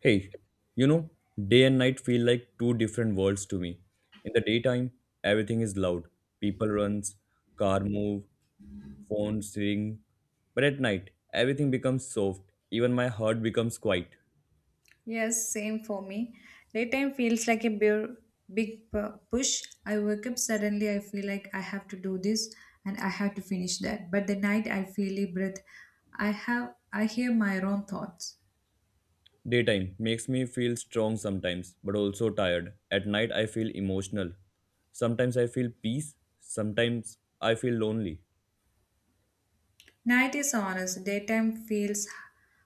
Hey, you know, day and night feel like two different worlds to me. In the daytime, everything is loud. People runs, car move, phones ring. But at night, everything becomes soft. Even my heart becomes quiet. Yes, same for me. Daytime feels like a big push. I wake up suddenly, I feel like I have to do this and I have to finish that. But the night I feel a breath. I hear my own thoughts. Daytime makes me feel strong sometimes, but also tired. At night, I feel emotional. Sometimes I feel peace, sometimes I feel lonely. Night is honest. Daytime feels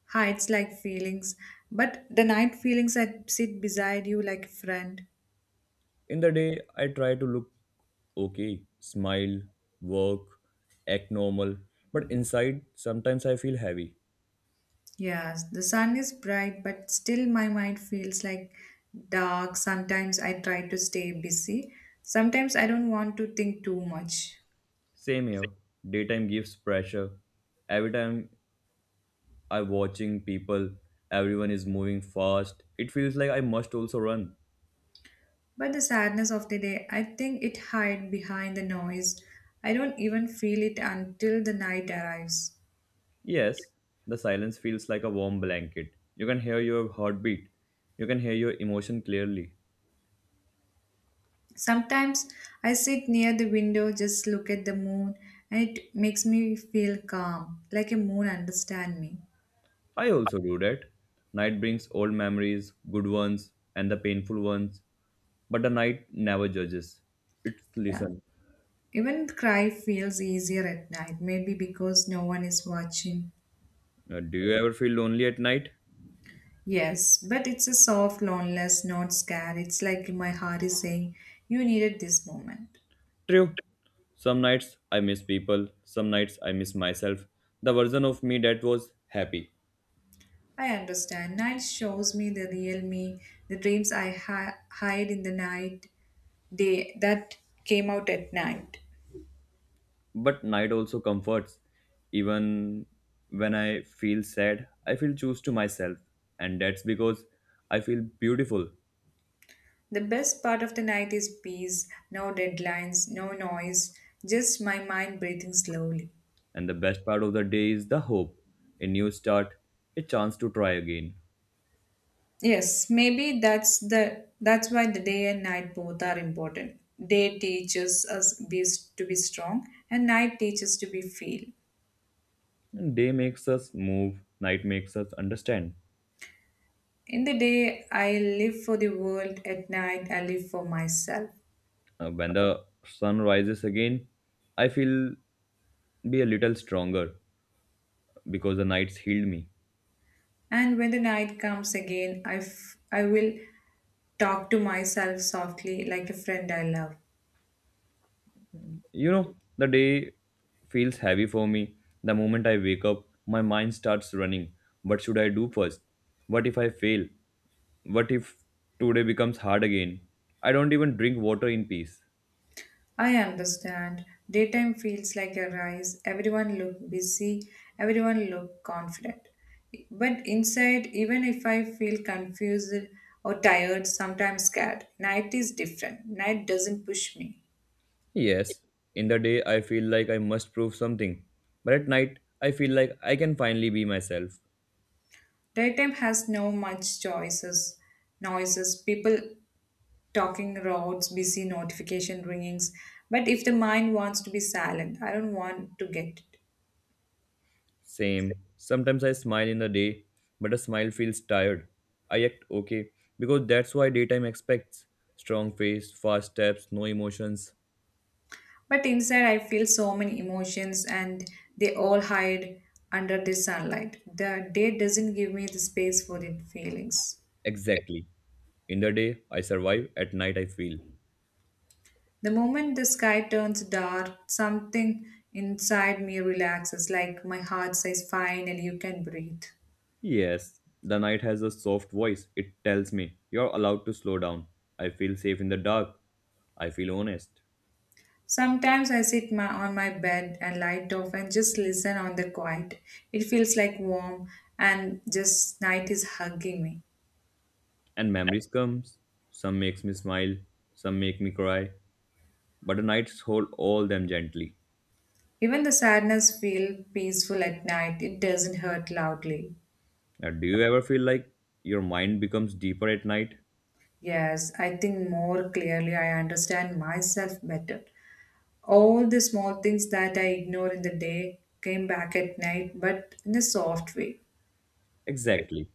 hides like feelings, but the night feelings that sit beside you like a friend. In the day, I try to look okay, smile, work, act normal, but inside, sometimes I feel heavy. Yes, the sun is bright, but still my mind feels like dark. Sometimes I try to stay busy. Sometimes I don't want to think too much. Same here. Daytime gives pressure. Every time I'm watching people, everyone is moving fast. It feels like I must also run. But the sadness of the day, I think it hides behind the noise. I don't even feel it until the night arrives. Yes, the silence feels like a warm blanket. You can hear your heartbeat. You can hear your emotion clearly. Sometimes I sit near the window, just look at the moon, and it makes me feel calm, like a moon understand me. I also do that. Night brings old memories, good ones and the painful ones, but the night never judges. It Yeah. listens. Even cry feels easier at night, maybe because no one is watching. Do you ever feel lonely at night? Yes, but it's a soft loneliness, not scared. It's like my heart is saying, You needed this moment. True. Some nights I miss people, some nights I miss myself, the version of me that was happy. I understand. Night shows me the real me, the dreams I hide in the night, day that came out at night. But night also comforts. Even when I feel sad, I feel choose to myself, and that's because I feel beautiful. The best part of the night is peace, no deadlines, no noise, just my mind breathing slowly. And the best part of the day is the hope, a new start, a chance to try again. Yes, maybe that's why the day and night both are important. Day teaches us be, to be strong and night teaches to be feel. And day makes us move, night makes us understand. In the day I live for the world, at night I live for myself. When the sun rises again, I feel be a little stronger because the nights healed me. And when the night comes again, I will talk to myself softly like a friend I love. You know, the day feels heavy for me. The moment I wake up, my mind starts running. What should I do first? What if I fail? What if today becomes hard again? I don't even drink water in peace. I understand. Daytime feels like a rise. Everyone look busy. Everyone look confident. But inside, even if I feel confused or tired, sometimes scared, night is different. Night doesn't push me. Yes, in the day I feel like I must prove something, but at night I feel like I can finally be myself. Daytime has no much choices, noises, people talking roads, busy notification ringings. But if the mind wants to be silent, I don't want to get it. Same. Sometimes I smile in the day, but a smile feels tired. I act okay because that's why daytime expects strong face, fast steps, no emotions. But inside, I feel so many emotions, and they all hide under the sunlight. The day doesn't give me the space for the feelings. Exactly. In the day I survive, at night I feel. The moment the sky turns dark, something inside me relaxes, like my heart says, Finally, you can breathe. Yes, the night has a soft voice. It tells me you're allowed to slow down. I feel safe in the dark. I feel honest. Sometimes on my bed and light off and just listen on the quiet. It feels like warm and just night is hugging me. And memories comes. Some makes me smile, some make me cry, but the nights hold all them gently. Even the sadness feel peaceful at night. It doesn't hurt loudly. Now, do you ever feel like your mind becomes deeper at night? Yes, I think more clearly I understand myself better. All the small things that I ignore in the day came back at night, but in a soft way. Exactly.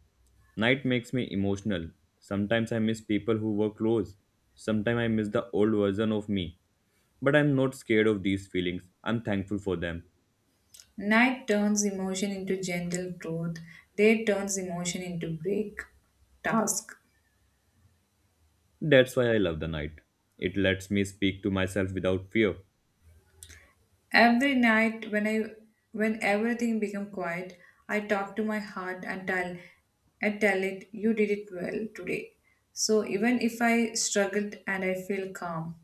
Night makes me emotional. Sometimes I miss people who were close. Sometimes I miss the old version of me. But I'm not scared of these feelings. I'm thankful for them. Night turns emotion into gentle growth, day turns emotion into break, task. That's why I love the night. It lets me speak to myself without fear. Every night when I When everything become quiet, I talk to my heart and tell it you did it well today. So even if I struggled and I feel calm.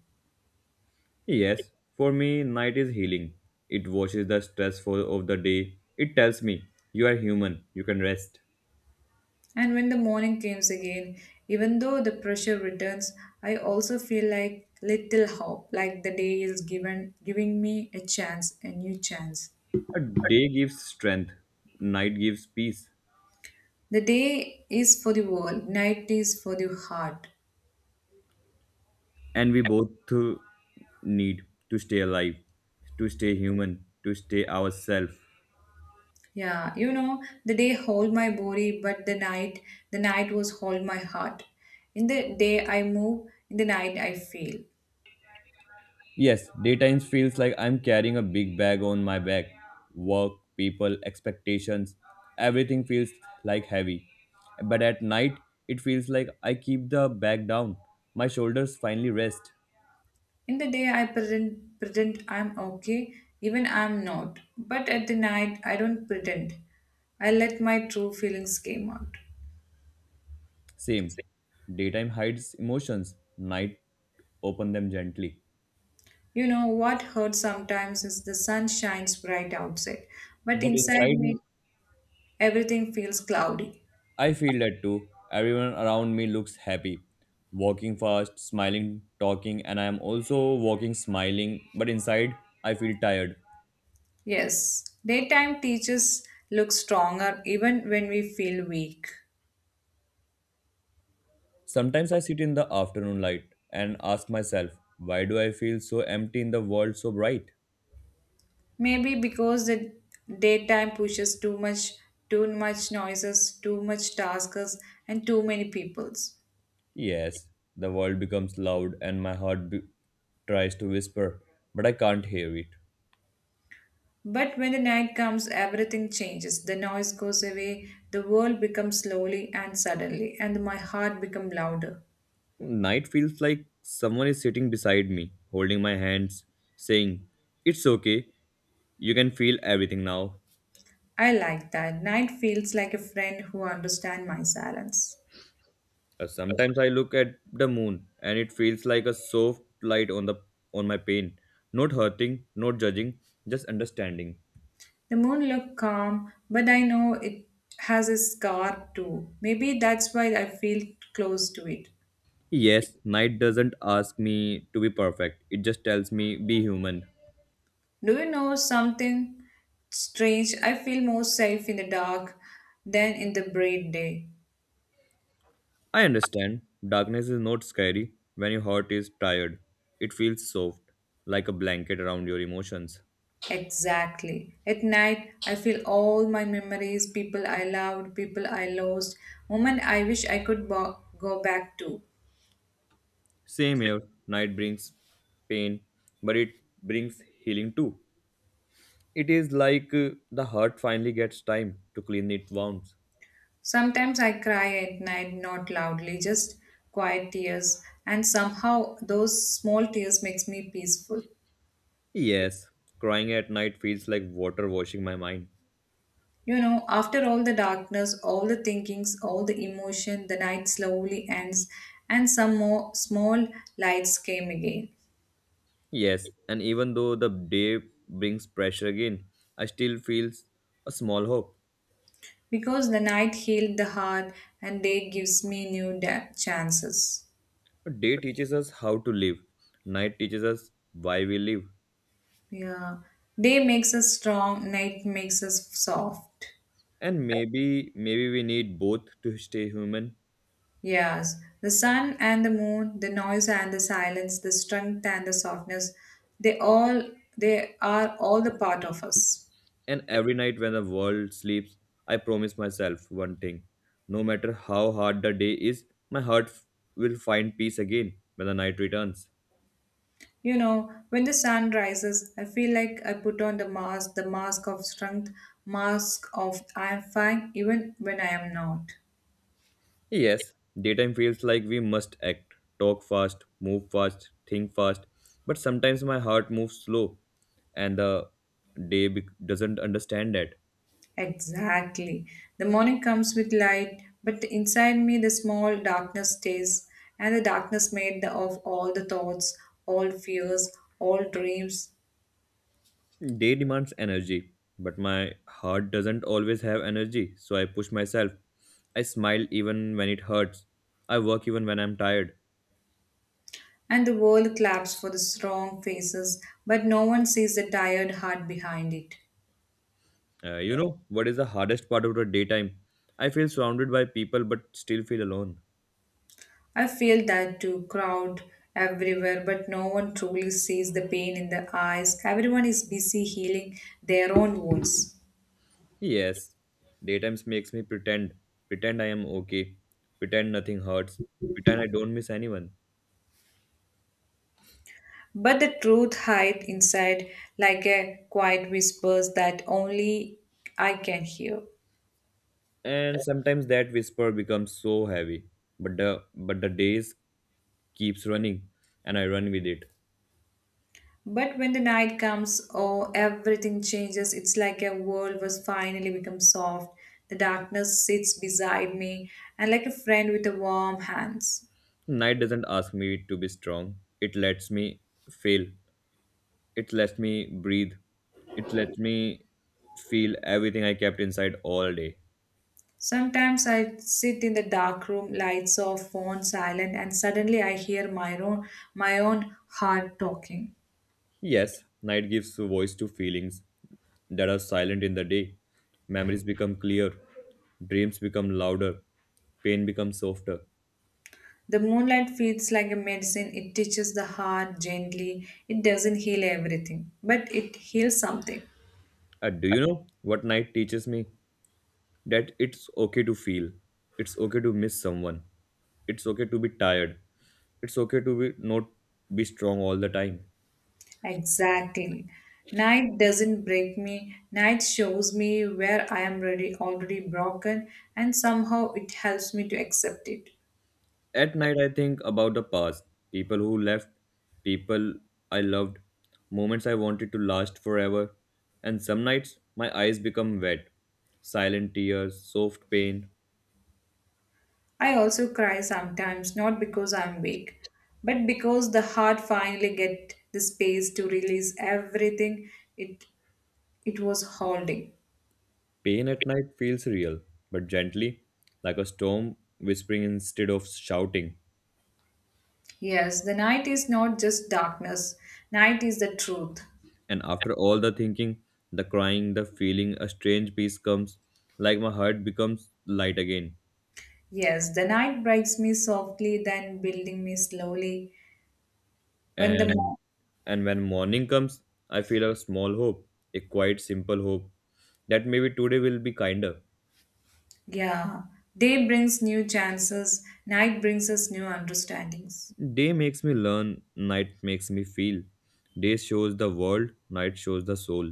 Yes, for me, night is healing. It washes the stressful of the day. It tells me, you are human, you can rest. And when the morning comes again, even though the pressure returns, I also feel like little hope, like the day is given giving me a chance, a new chance. A day gives strength, night gives peace. The day is for the world, night is for the heart. And we both need to stay alive, to stay human, to stay ourselves. Yeah, you know, the day hold my body, but the night was hold my heart. In the day I move, in the night I feel. Yes, daytimes feels like I'm carrying a big bag on my back. Work, people, expectations, everything feels like heavy. But at night, it feels like I keep the bag down. My shoulders finally rest. In the day, pretend I'm okay, even I'm not. But at the night, I don't pretend. I let my true feelings came out. Same. Daytime hides emotions, night open them gently. You know what hurts sometimes is the sun shines bright outside, but But inside inside, me, everything feels cloudy. I feel that too. Everyone around me looks happy, walking fast, smiling, talking, and I am also walking, smiling. But inside, I feel tired. Yes, daytime teachers look stronger even when we feel weak. Sometimes I sit in the afternoon light and ask myself, why do I feel so empty in the world so bright? Maybe because the daytime pushes too much noises, too much tasks, and too many peoples. Yes, the world becomes loud and my heart tries to whisper, but I can't hear it. But when the night comes, everything changes. The noise goes away, the world becomes slowly and suddenly, and my heart becomes louder. Night feels like someone is sitting beside me, holding my hands, saying, it's okay, you can feel everything now. I like that. Night feels like a friend who understands my silence. Sometimes I look at the moon and it feels like a soft light on the on my pain. Not hurting, not judging, just understanding. The moon looked calm, but I know it has a scar too. Maybe that's why I feel close to it. Yes, night doesn't ask me to be perfect, it just tells me be human. Do you know something strange? I feel more safe in the dark than in the bright day. I understand, darkness is not scary when your heart is tired. It feels soft, like a blanket around your emotions. Exactly. At night, I feel all my memories, people I loved, people I lost, moment I wish I could go back to. Same here, night brings pain, but it brings healing too. It is like the heart finally gets time to clean its wounds. Sometimes I cry at night, not loudly, just quiet tears, and somehow those small tears makes me peaceful. Yes, crying at night feels like water washing my mind. You know, after all the darkness, all the thinkings, all the emotion, the night slowly ends, and some more small lights came again. Yes, and even though the day brings pressure again, I still feel a small hope. Because the night healed the heart and day gives me new chances. A day teaches us how to live, night teaches us why we live. Yeah. Day makes us strong, night makes us soft. And maybe we need both to stay human. Yes. The sun and the moon, the noise and the silence, the strength and the softness, they all they are all the part of us. And every night when the world sleeps, I promise myself one thing. No matter how hard the day is, my heart will find peace again when the night returns. You know, when the sun rises, I feel like I put on the mask of strength, mask of I am fine even when I am not. Yes, daytime feels like we must act, talk fast, move fast, think fast, but sometimes my heart moves slow and the day bec doesn't understand that. Exactly. The morning comes with light, but inside me the small darkness stays, and the darkness made of all the thoughts, all fears, all dreams. Day demands energy, but my heart doesn't always have energy, so I push myself. I smile even when it hurts. I work even when I'm tired. And the world claps for the strong faces, but no one sees the tired heart behind it. You know, what is the hardest part of the daytime? I feel surrounded by people but still feel alone. I feel that too, crowd everywhere, but no one truly sees the pain in the eyes. Everyone is busy healing their own wounds. Yes, daytimes makes me pretend, pretend I am okay, pretend nothing hurts, pretend I don't miss anyone. But the truth hides inside like a quiet whispers that only I can hear. And sometimes that whisper becomes so heavy, but the days keeps running, and I run with it. But when the night comes, oh, everything changes. It's like a world was finally become soft. The darkness sits beside me and like a friend with a warm hands. Night doesn't ask me to be strong. It lets me fail. It lets me breathe. It lets me feel everything I kept inside all day. Sometimes I sit in the dark room, lights off, phone silent, and suddenly I hear my own heart talking. Yes, night gives voice to feelings that are silent in the day. Memories become clear, dreams become louder, pain becomes softer. The moonlight feels like a medicine. It touches the heart gently. It doesn't heal everything, but it heals something. And do you know what night teaches me? That it's okay to feel, it's okay to miss someone, it's okay to be tired, it's okay to be not be strong all the time. Exactly. Night doesn't break me. Night shows me where I am already broken, and somehow it helps me to accept it. At night, I think about the past, people who left, people I loved, moments I wanted to last forever. And some nights, my eyes become wet, silent tears, soft pain. I also cry sometimes, not because I'm weak, but because the heart finally get the space to release everything it it was holding. Pain at night feels real, but gently, like a storm whispering instead of shouting. Yes, the night is not just darkness, night is the truth. And after all the thinking, the crying, the feeling, a strange peace comes, like my heart becomes light again. Yes, the night breaks me softly, then building me slowly. When the and and when morning comes, I feel a small hope, a quite simple hope that maybe today will be kinder. yeah, day brings new chances, night brings us new understandings. Day makes me learn, night makes me feel. Day shows the world, night shows the soul.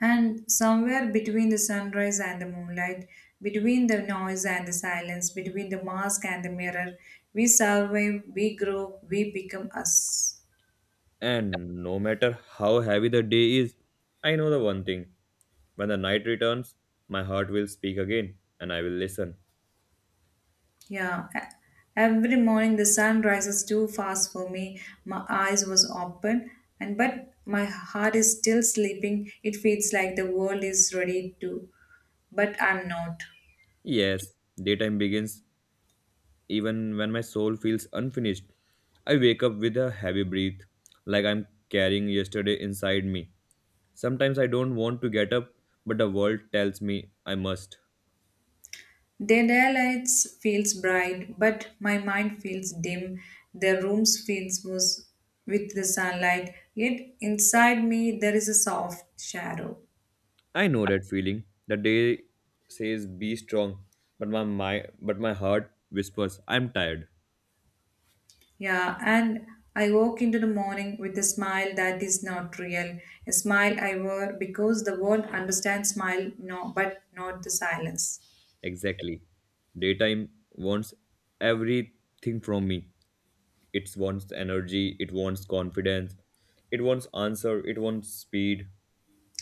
And somewhere between the sunrise and the moonlight, between the noise and the silence, between the mask and the mirror, we survive, we grow, we become us. And no matter how heavy the day is, I know the one thing: when the night returns, my heart will speak again and I will listen. Yeah, every morning the sun rises too fast for me. My eyes was open and but my heart is still sleeping. It feels like the world is ready to, but I'm not. Yes, daytime begins even when my soul feels unfinished. I wake up with a heavy breath, like I'm carrying yesterday inside me. Sometimes I don't want to get up, but the world tells me I must. The daylight feels bright, but my mind feels dim. The rooms feels was with the sunlight, yet inside me there is a soft shadow. I know that feeling. The day says be strong, but my heart whispers I'm tired. Yeah, and I woke into the morning with a smile that is not real. A smile I wore because the world understands smile, no, but not the silence. Exactly. Daytime wants everything from me. It wants energy, it wants confidence, it wants answer, it wants speed.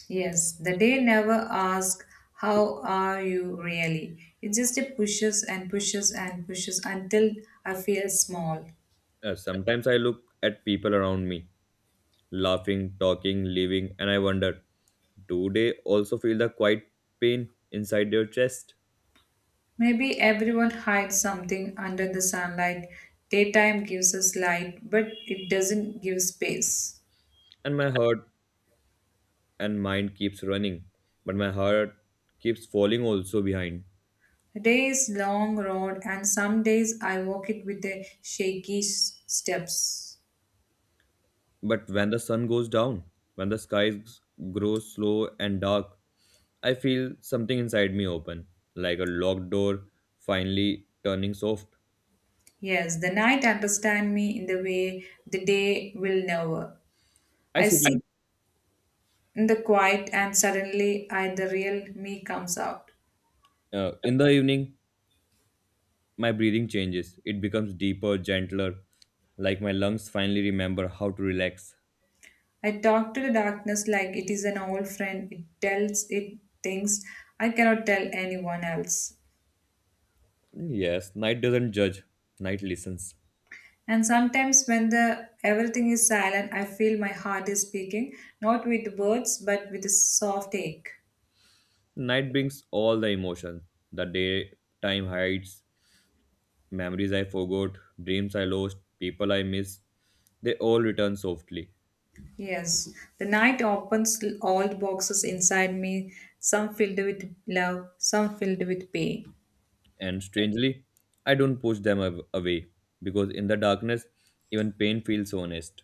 Yes, the day never asks, How are you really? It just pushes and pushes and pushes until I feel small. Sometimes I look at people around me, laughing, talking, living, and I wonder, do they also feel the quiet pain inside their chest? Maybe everyone hides something under the sunlight. Daytime gives us light, but it doesn't give space. And my heart and mind keeps running, but my heart keeps falling also behind. The day is long road, and some days I walk it with the shaky steps. But when the sun goes down, when the skies grow slow and dark, I feel something inside me open, like a locked door finally turning soft. Yes, the night understand me in the way the day will never. I I sit in sit in the quiet, and suddenly I the real me comes out. In the evening my breathing changes. It becomes deeper, gentler, like my lungs finally remember how to relax. I talk to the darkness like it is an old friend. It tells it things I cannot tell anyone else. Yes, night doesn't judge, night listens. And sometimes when the everything is silent, I feel my heart is speaking, not with words but with a soft ache. Night brings all the emotions. The daytime hides memories I forgot, dreams I lost, people I miss. They all return softly. Yes, the night opens all the boxes inside me, some filled with love, some filled with pain. And strangely, I don't push them away because in the darkness, even pain feels honest.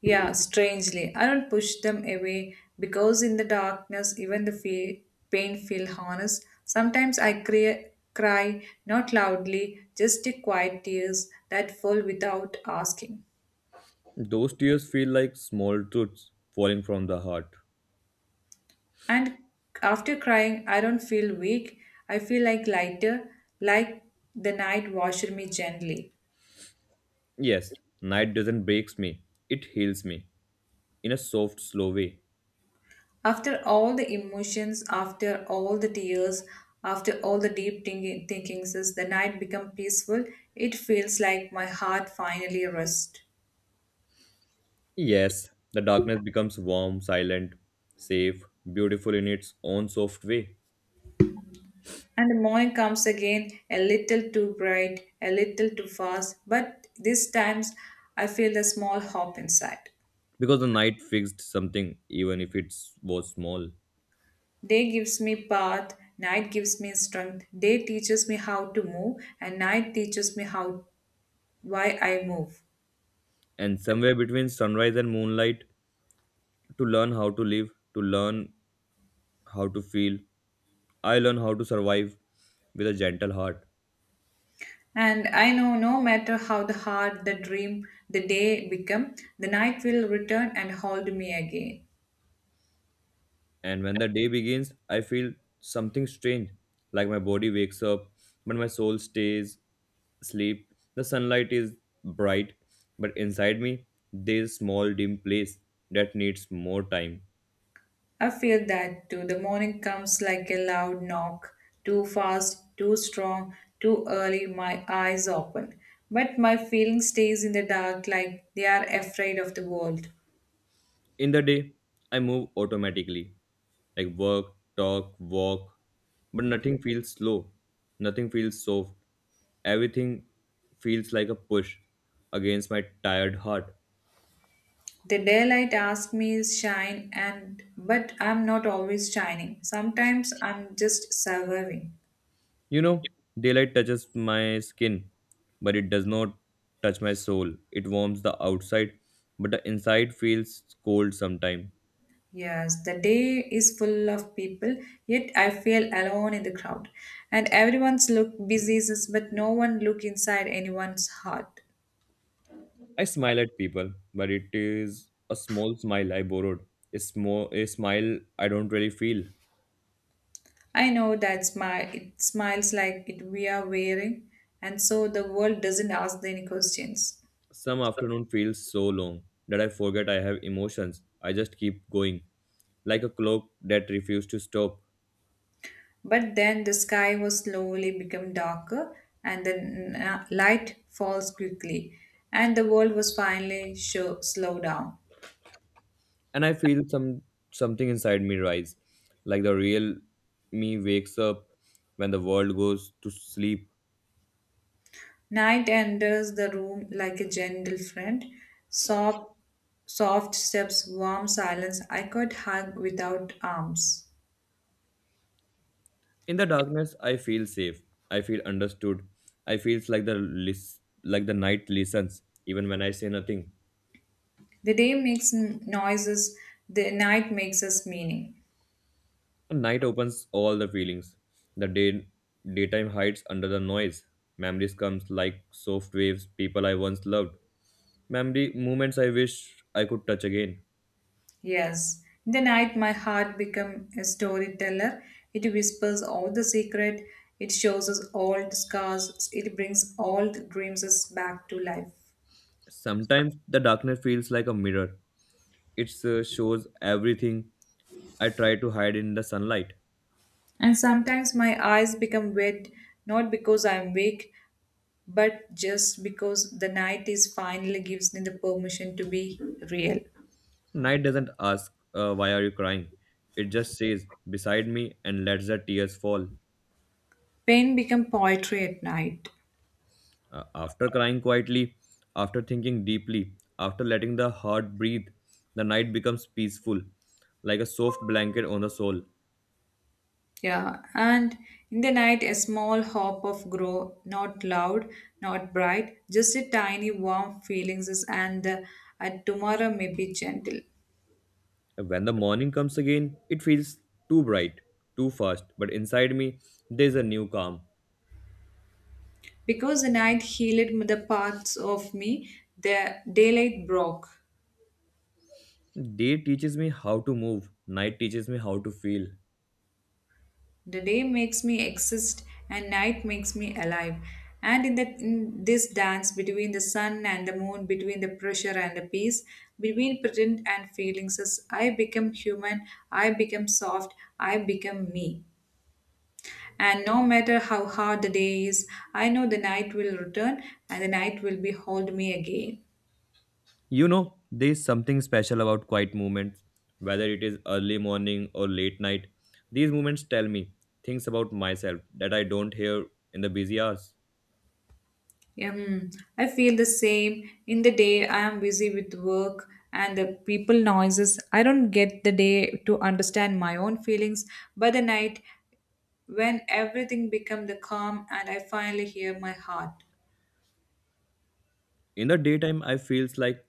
Yeah, strangely, I don't push them away because in the darkness, even the pain feels honest. Sometimes I cry, not loudly, just the quiet tears that fall without asking. Those tears feel like small truths falling from the heart. And after crying, I don't feel weak. I feel like lighter, like the night washed me gently. Yes, night doesn't breaks me. It heals me in a soft, slow way. After all the emotions, after all the tears, after all the deep thinkings, as the night become peaceful, it feels like my heart finally rests. Yes, the darkness becomes warm, silent, safe, beautiful in its own soft way. And the morning comes again, a little too bright, a little too fast, but these times I feel a small hope inside. Because the night fixed something, even if it was small. Day gives me path, night gives me strength. Day teaches me how to move, and night teaches me how why I move. And somewhere between sunrise and moonlight, to learn how to live, to learn how to feel, I learn how to survive with a gentle heart. And I know no matter how the hard the dream, the day become, the night will return and hold me again. And when the day begins, I feel something strange, like my body wakes up, but my soul stays asleep. The sunlight is bright, but inside me, there's a small dim place that needs more time. I feel that too. The morning comes like a loud knock, too fast, too strong, too early. My eyes open, but my feeling stays in the dark, like they are afraid of the world. In the day, I move automatically, like work, talk, walk, but nothing feels slow, nothing feels soft. Everything feels like a push against my tired heart. The daylight asks me shine, and but I'm not always shining. Sometimes I'm just surviving. You know, daylight touches my skin, but it does not touch my soul. It warms the outside, but the inside feels cold sometimes. Yes, the day is full of people, yet I feel alone in the crowd. And everyone's look busy, but no one look inside anyone's heart. I smile at people, but it is a small smile I borrowed. A, small, a smile I don't really feel. I know that smile it smiles like it we are wearing, and so the world doesn't ask any questions. Some afternoon feels so long that I forget I have emotions. I just keep going, like a clock that refuses to stop. But then the sky was slowly become darker, and the light falls quickly, and the world was finally show, slow down. And I feel something inside me rise, like the real me wakes up when the world goes to sleep. Night enters the room like a gentle friend. Soft, soft steps, warm silence. I could hug without arms. In the darkness, I feel safe. I feel understood. I feels like like the night listens even when I say nothing. The day makes noises. The night makes us meaning. The night opens all the feelings. The daytime hides under the noise. Memories comes like soft waves. People I once loved. Memory moments I wish I could touch again. Yes, in the night my heart become a storyteller. It whispers all the secret. It shows us all the scars. It brings all the dreams us back to life. Sometimes the darkness feels like a mirror. It shows everything I try to hide in the sunlight. And sometimes my eyes become wet, not because I'm weak, but just because the night is finally gives me the permission to be real. Night doesn't ask, "Why are you crying?" It just stays beside me and lets the tears fall. Pain become poetry at night. After crying quietly, after thinking deeply, after letting the heart breathe, the night becomes peaceful, like a soft blanket on the soul. Yeah, and in the night a small hop of grow, not loud, not bright, just a tiny warm feelings is and tomorrow may be gentle. When the morning comes again, it feels too bright, too fast, but inside me, there's a new calm. Because the night healed the parts of me, the daylight broke. Day teaches me how to move, night teaches me how to feel. The day makes me exist and night makes me alive. And in this dance between the sun and the moon, between the pressure and the peace, between pretend and feelings, as I become human, I become soft, I become me. And no matter how hard the day is, I know the night will return and the night will behold me again. You know, there's something special about quiet moments, whether it is early morning or late night. These moments tell me things about myself that I don't hear in the busy hours. Um, I feel the same. In the day, I am busy with work and the people noises. I don't get the day to understand my own feelings. By the night, when everything become the calm and I finally hear my heart. In the daytime, I feels like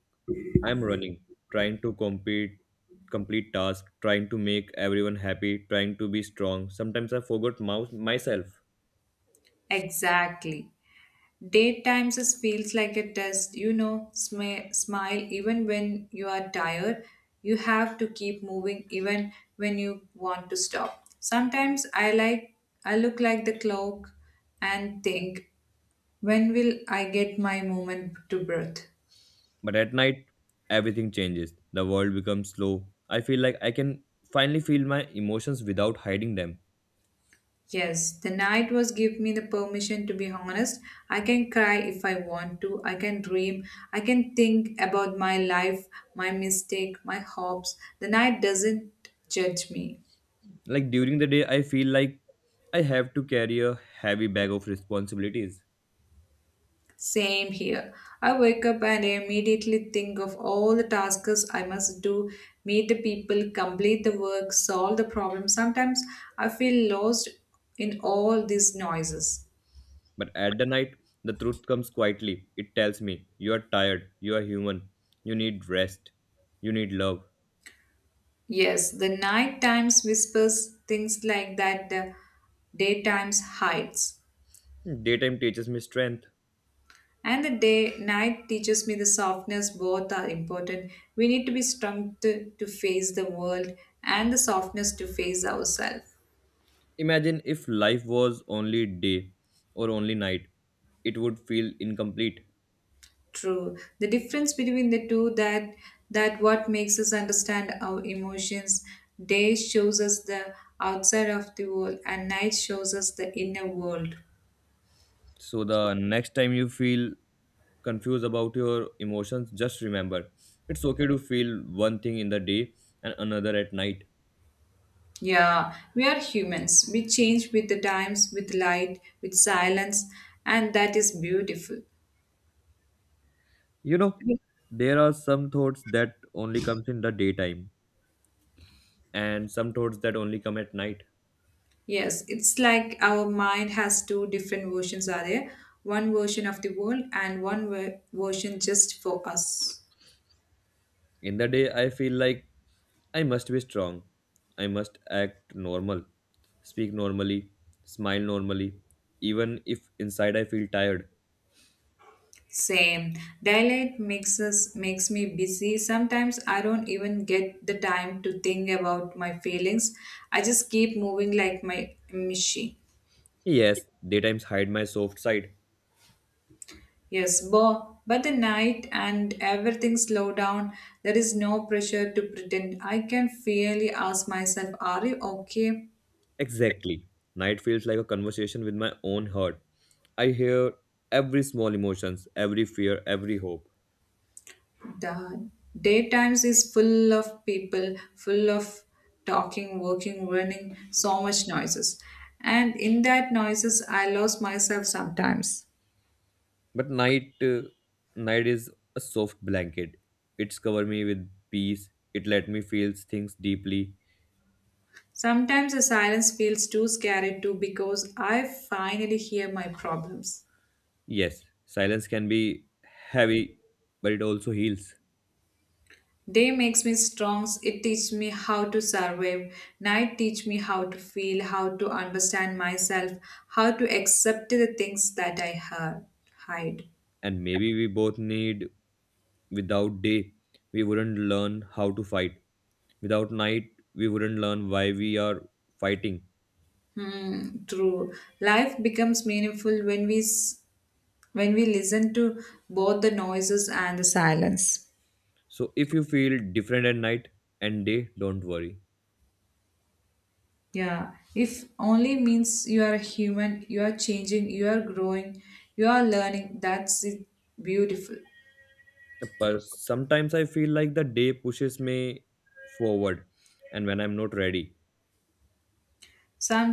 I'm running, trying to compete, complete tasks, trying to make everyone happy, trying to be strong. Sometimes I forgot myself. Exactly. Daytimes it feels like it does, you know, smile even when you are tired. You have to keep moving even when you want to stop. Sometimes I like I look like the clock and think, when will I get my moment to breathe? But at night, everything changes. The world becomes slow. I feel like I can finally feel my emotions without hiding them. Yes, the night was give me the permission to be honest. I can cry if I want to. I can dream. I can think about my life, my mistake, my hopes. The night doesn't judge me. Like during the day, I feel like I have to carry a heavy bag of responsibilities. Same here. I wake up and immediately think of all the tasks I must do, meet the people, complete the work, solve the problem. Sometimes I feel lost in all these noises. But at the night, the truth comes quietly. It tells me, you are tired, you are human, you need rest, you need love. Yes, the night times whispers things like that the day times hides. Daytime teaches me strength. And the day night teaches me the softness both are important. We need to be strong to face the world and the softness to face ourselves. Imagine if life was only day or only night, it would feel incomplete. True. The difference between the two that what makes us understand our emotions. Day shows us the outside of the world and night shows us the inner world. So the next time you feel confused about your emotions, just remember it's okay to feel one thing in the day and another at night. Yeah, we are humans. We change with the times, with light, with silence, and that is beautiful. You know, there are some thoughts that only comes in the daytime and some thoughts that only come at night. Yes, it's like our mind has two different versions are there. One version of the world and one version just for us. In the day I feel like I must be strong. I must act normal, speak normally, smile normally, even if inside I feel tired. Same. Daylight makes me busy. Sometimes I don't even get the time to think about my feelings. I just keep moving like my machine. Yes, daytimes hide my soft side. Yes, bo. But the night and everything slow down. There is no pressure to pretend. I can fairly ask myself, "Are you okay?" Exactly. Night feels like a conversation with my own heart. I hear every small emotions, every fear, every hope. The daytimes is full of people, full of talking, working, running, so much noises, and in that noises I lost myself sometimes. But night, night is a soft blanket. It's cover me with peace. It let me feel things deeply. Sometimes the silence feels too scary too because I finally hear my problems. Yes, silence can be heavy, but it also heals. Day makes me strong, it teaches me how to survive. Night teach me how to feel, how to understand myself, how to accept the things that I heard hide. And maybe we both need. Without day, we wouldn't learn how to fight. Without night, we wouldn't learn why we are fighting. Hmm, true. Life becomes meaningful when when we listen to both the noises and the silence. So if you feel different at night and day, don't worry. Yeah. If only means you are a human, you are changing, you are growing, you are learning. That's it. Beautiful. But sometimes I feel like the day pushes me forward, and when I'm not ready Some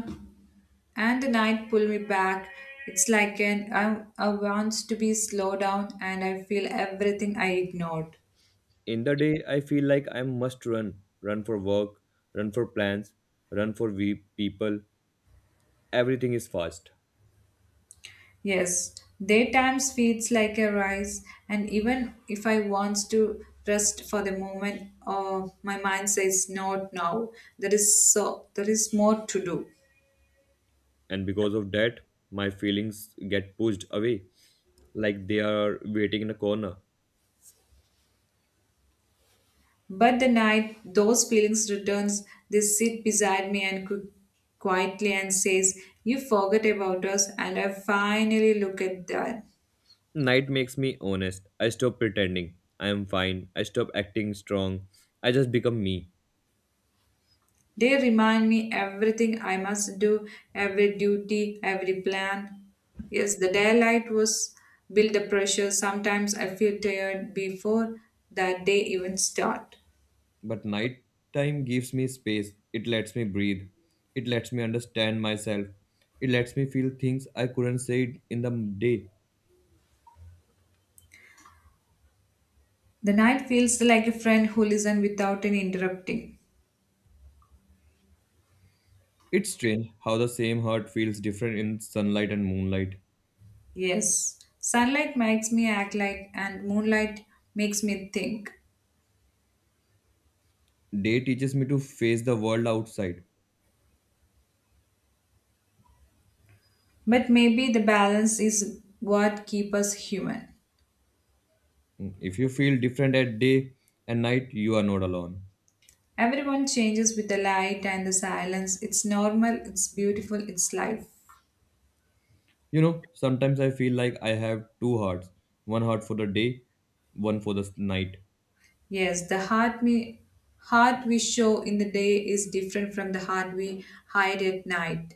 and the night pull me back. It's like I want to be slowed down and I feel everything I ignored. in the day I feel like I must run, run for work, run for plans, run for we people, everything is fast, Yes, daytimes feels like a rise, and even if I wants to rest for the moment, my mind says not now. There is more to do. and because of that my feelings get pushed away, like they are waiting in a corner. But the night, those feelings returns. They sit beside me and cook quietly and says, "You forgot about us," and I finally look at them. Night makes me honest, I stop pretending I am fine, I stop acting strong, I just become me. They remind me everything I must do, every duty, every plan. Yes, the daylight was build the pressure. Sometimes I feel tired before that day even start. But night time gives me space, it lets me breathe, it lets me understand myself, it lets me feel things I couldn't say in the day. The night feels like a friend who listens without any interrupting. It's strange how the same heart feels different in sunlight and moonlight. Yes, sunlight makes me act like, and moonlight makes me think. Day teaches me to face the world outside. But maybe the balance is what keeps us human. Mm. If you feel different at day and night, you are not alone. Everyone changes with the light and the silence. It's normal, it's beautiful, it's life. You know, sometimes I feel like I have two hearts, one heart for the day, one for the night. Yes, heart we show in the day is different from the heart we hide at night.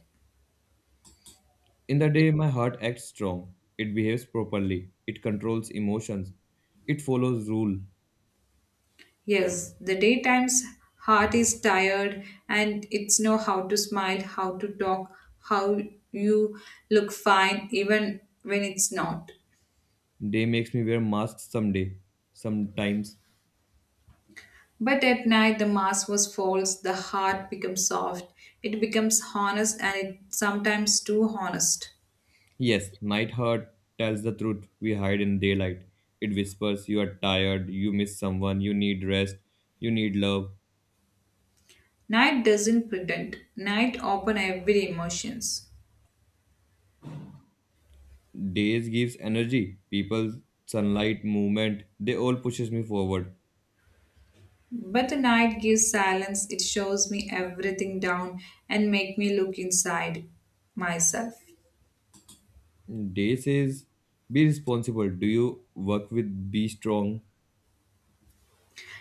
In the day, my heart acts strong, it behaves properly, it controls emotions, it follows rule. Yes, the daytime's heart is tired and it's know how to smile, how to talk, how you look fine even when it's not. Day makes me wear masks someday, sometimes. But at night the mask was false, the heart becomes soft, it becomes honest and it sometimes too honest. Yes, Night Heart tells the truth we hide in daylight. It whispers, "You are tired, you miss someone, you need rest, you need love." Night doesn't pretend. Night open every emotions. Days gives energy, people, sunlight, movement, they all pushes me forward. But the night gives silence. It shows me everything down and make me look inside myself. Day says, "Be responsible. Do you work with Be Strong?"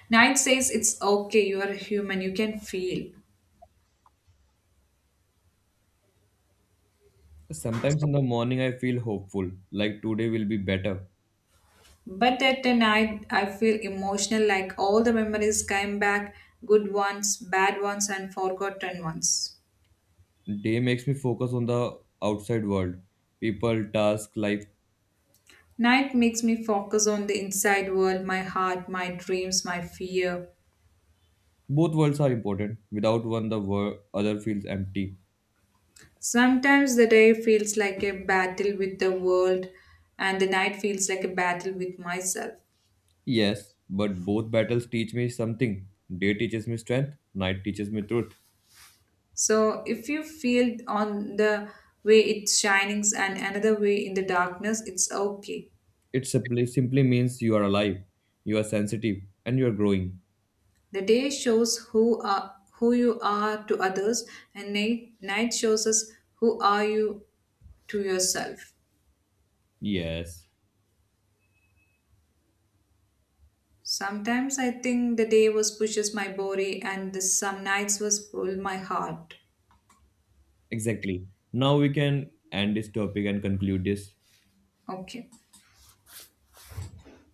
Night says it's okay, you are human, you can feel. Sometimes in the morning I feel hopeful, like today will be better. But at the night I feel emotional like all the memories came back, good ones, bad ones and forgotten ones. Day makes me focus on the outside world. People, task, life. Night makes me focus on the inside world, my heart, my dreams, my fear. Both worlds are important. Without one, the other feels empty. Sometimes the day feels like a battle with the world, and the night feels like a battle with myself. Yes, but both battles teach me something. Day teaches me strength, night teaches me truth. So, if you feel on the way it shines and another way in the darkness, it's okay. It simply means you are alive, you are sensitive, and you are growing. The day shows who you are to others, and night, night shows us who are you to yourself. Yes, Sometimes I think the day was pushes my body, and the some nights was pull my heart. exactly. Now we can end this topic and conclude this. Okay.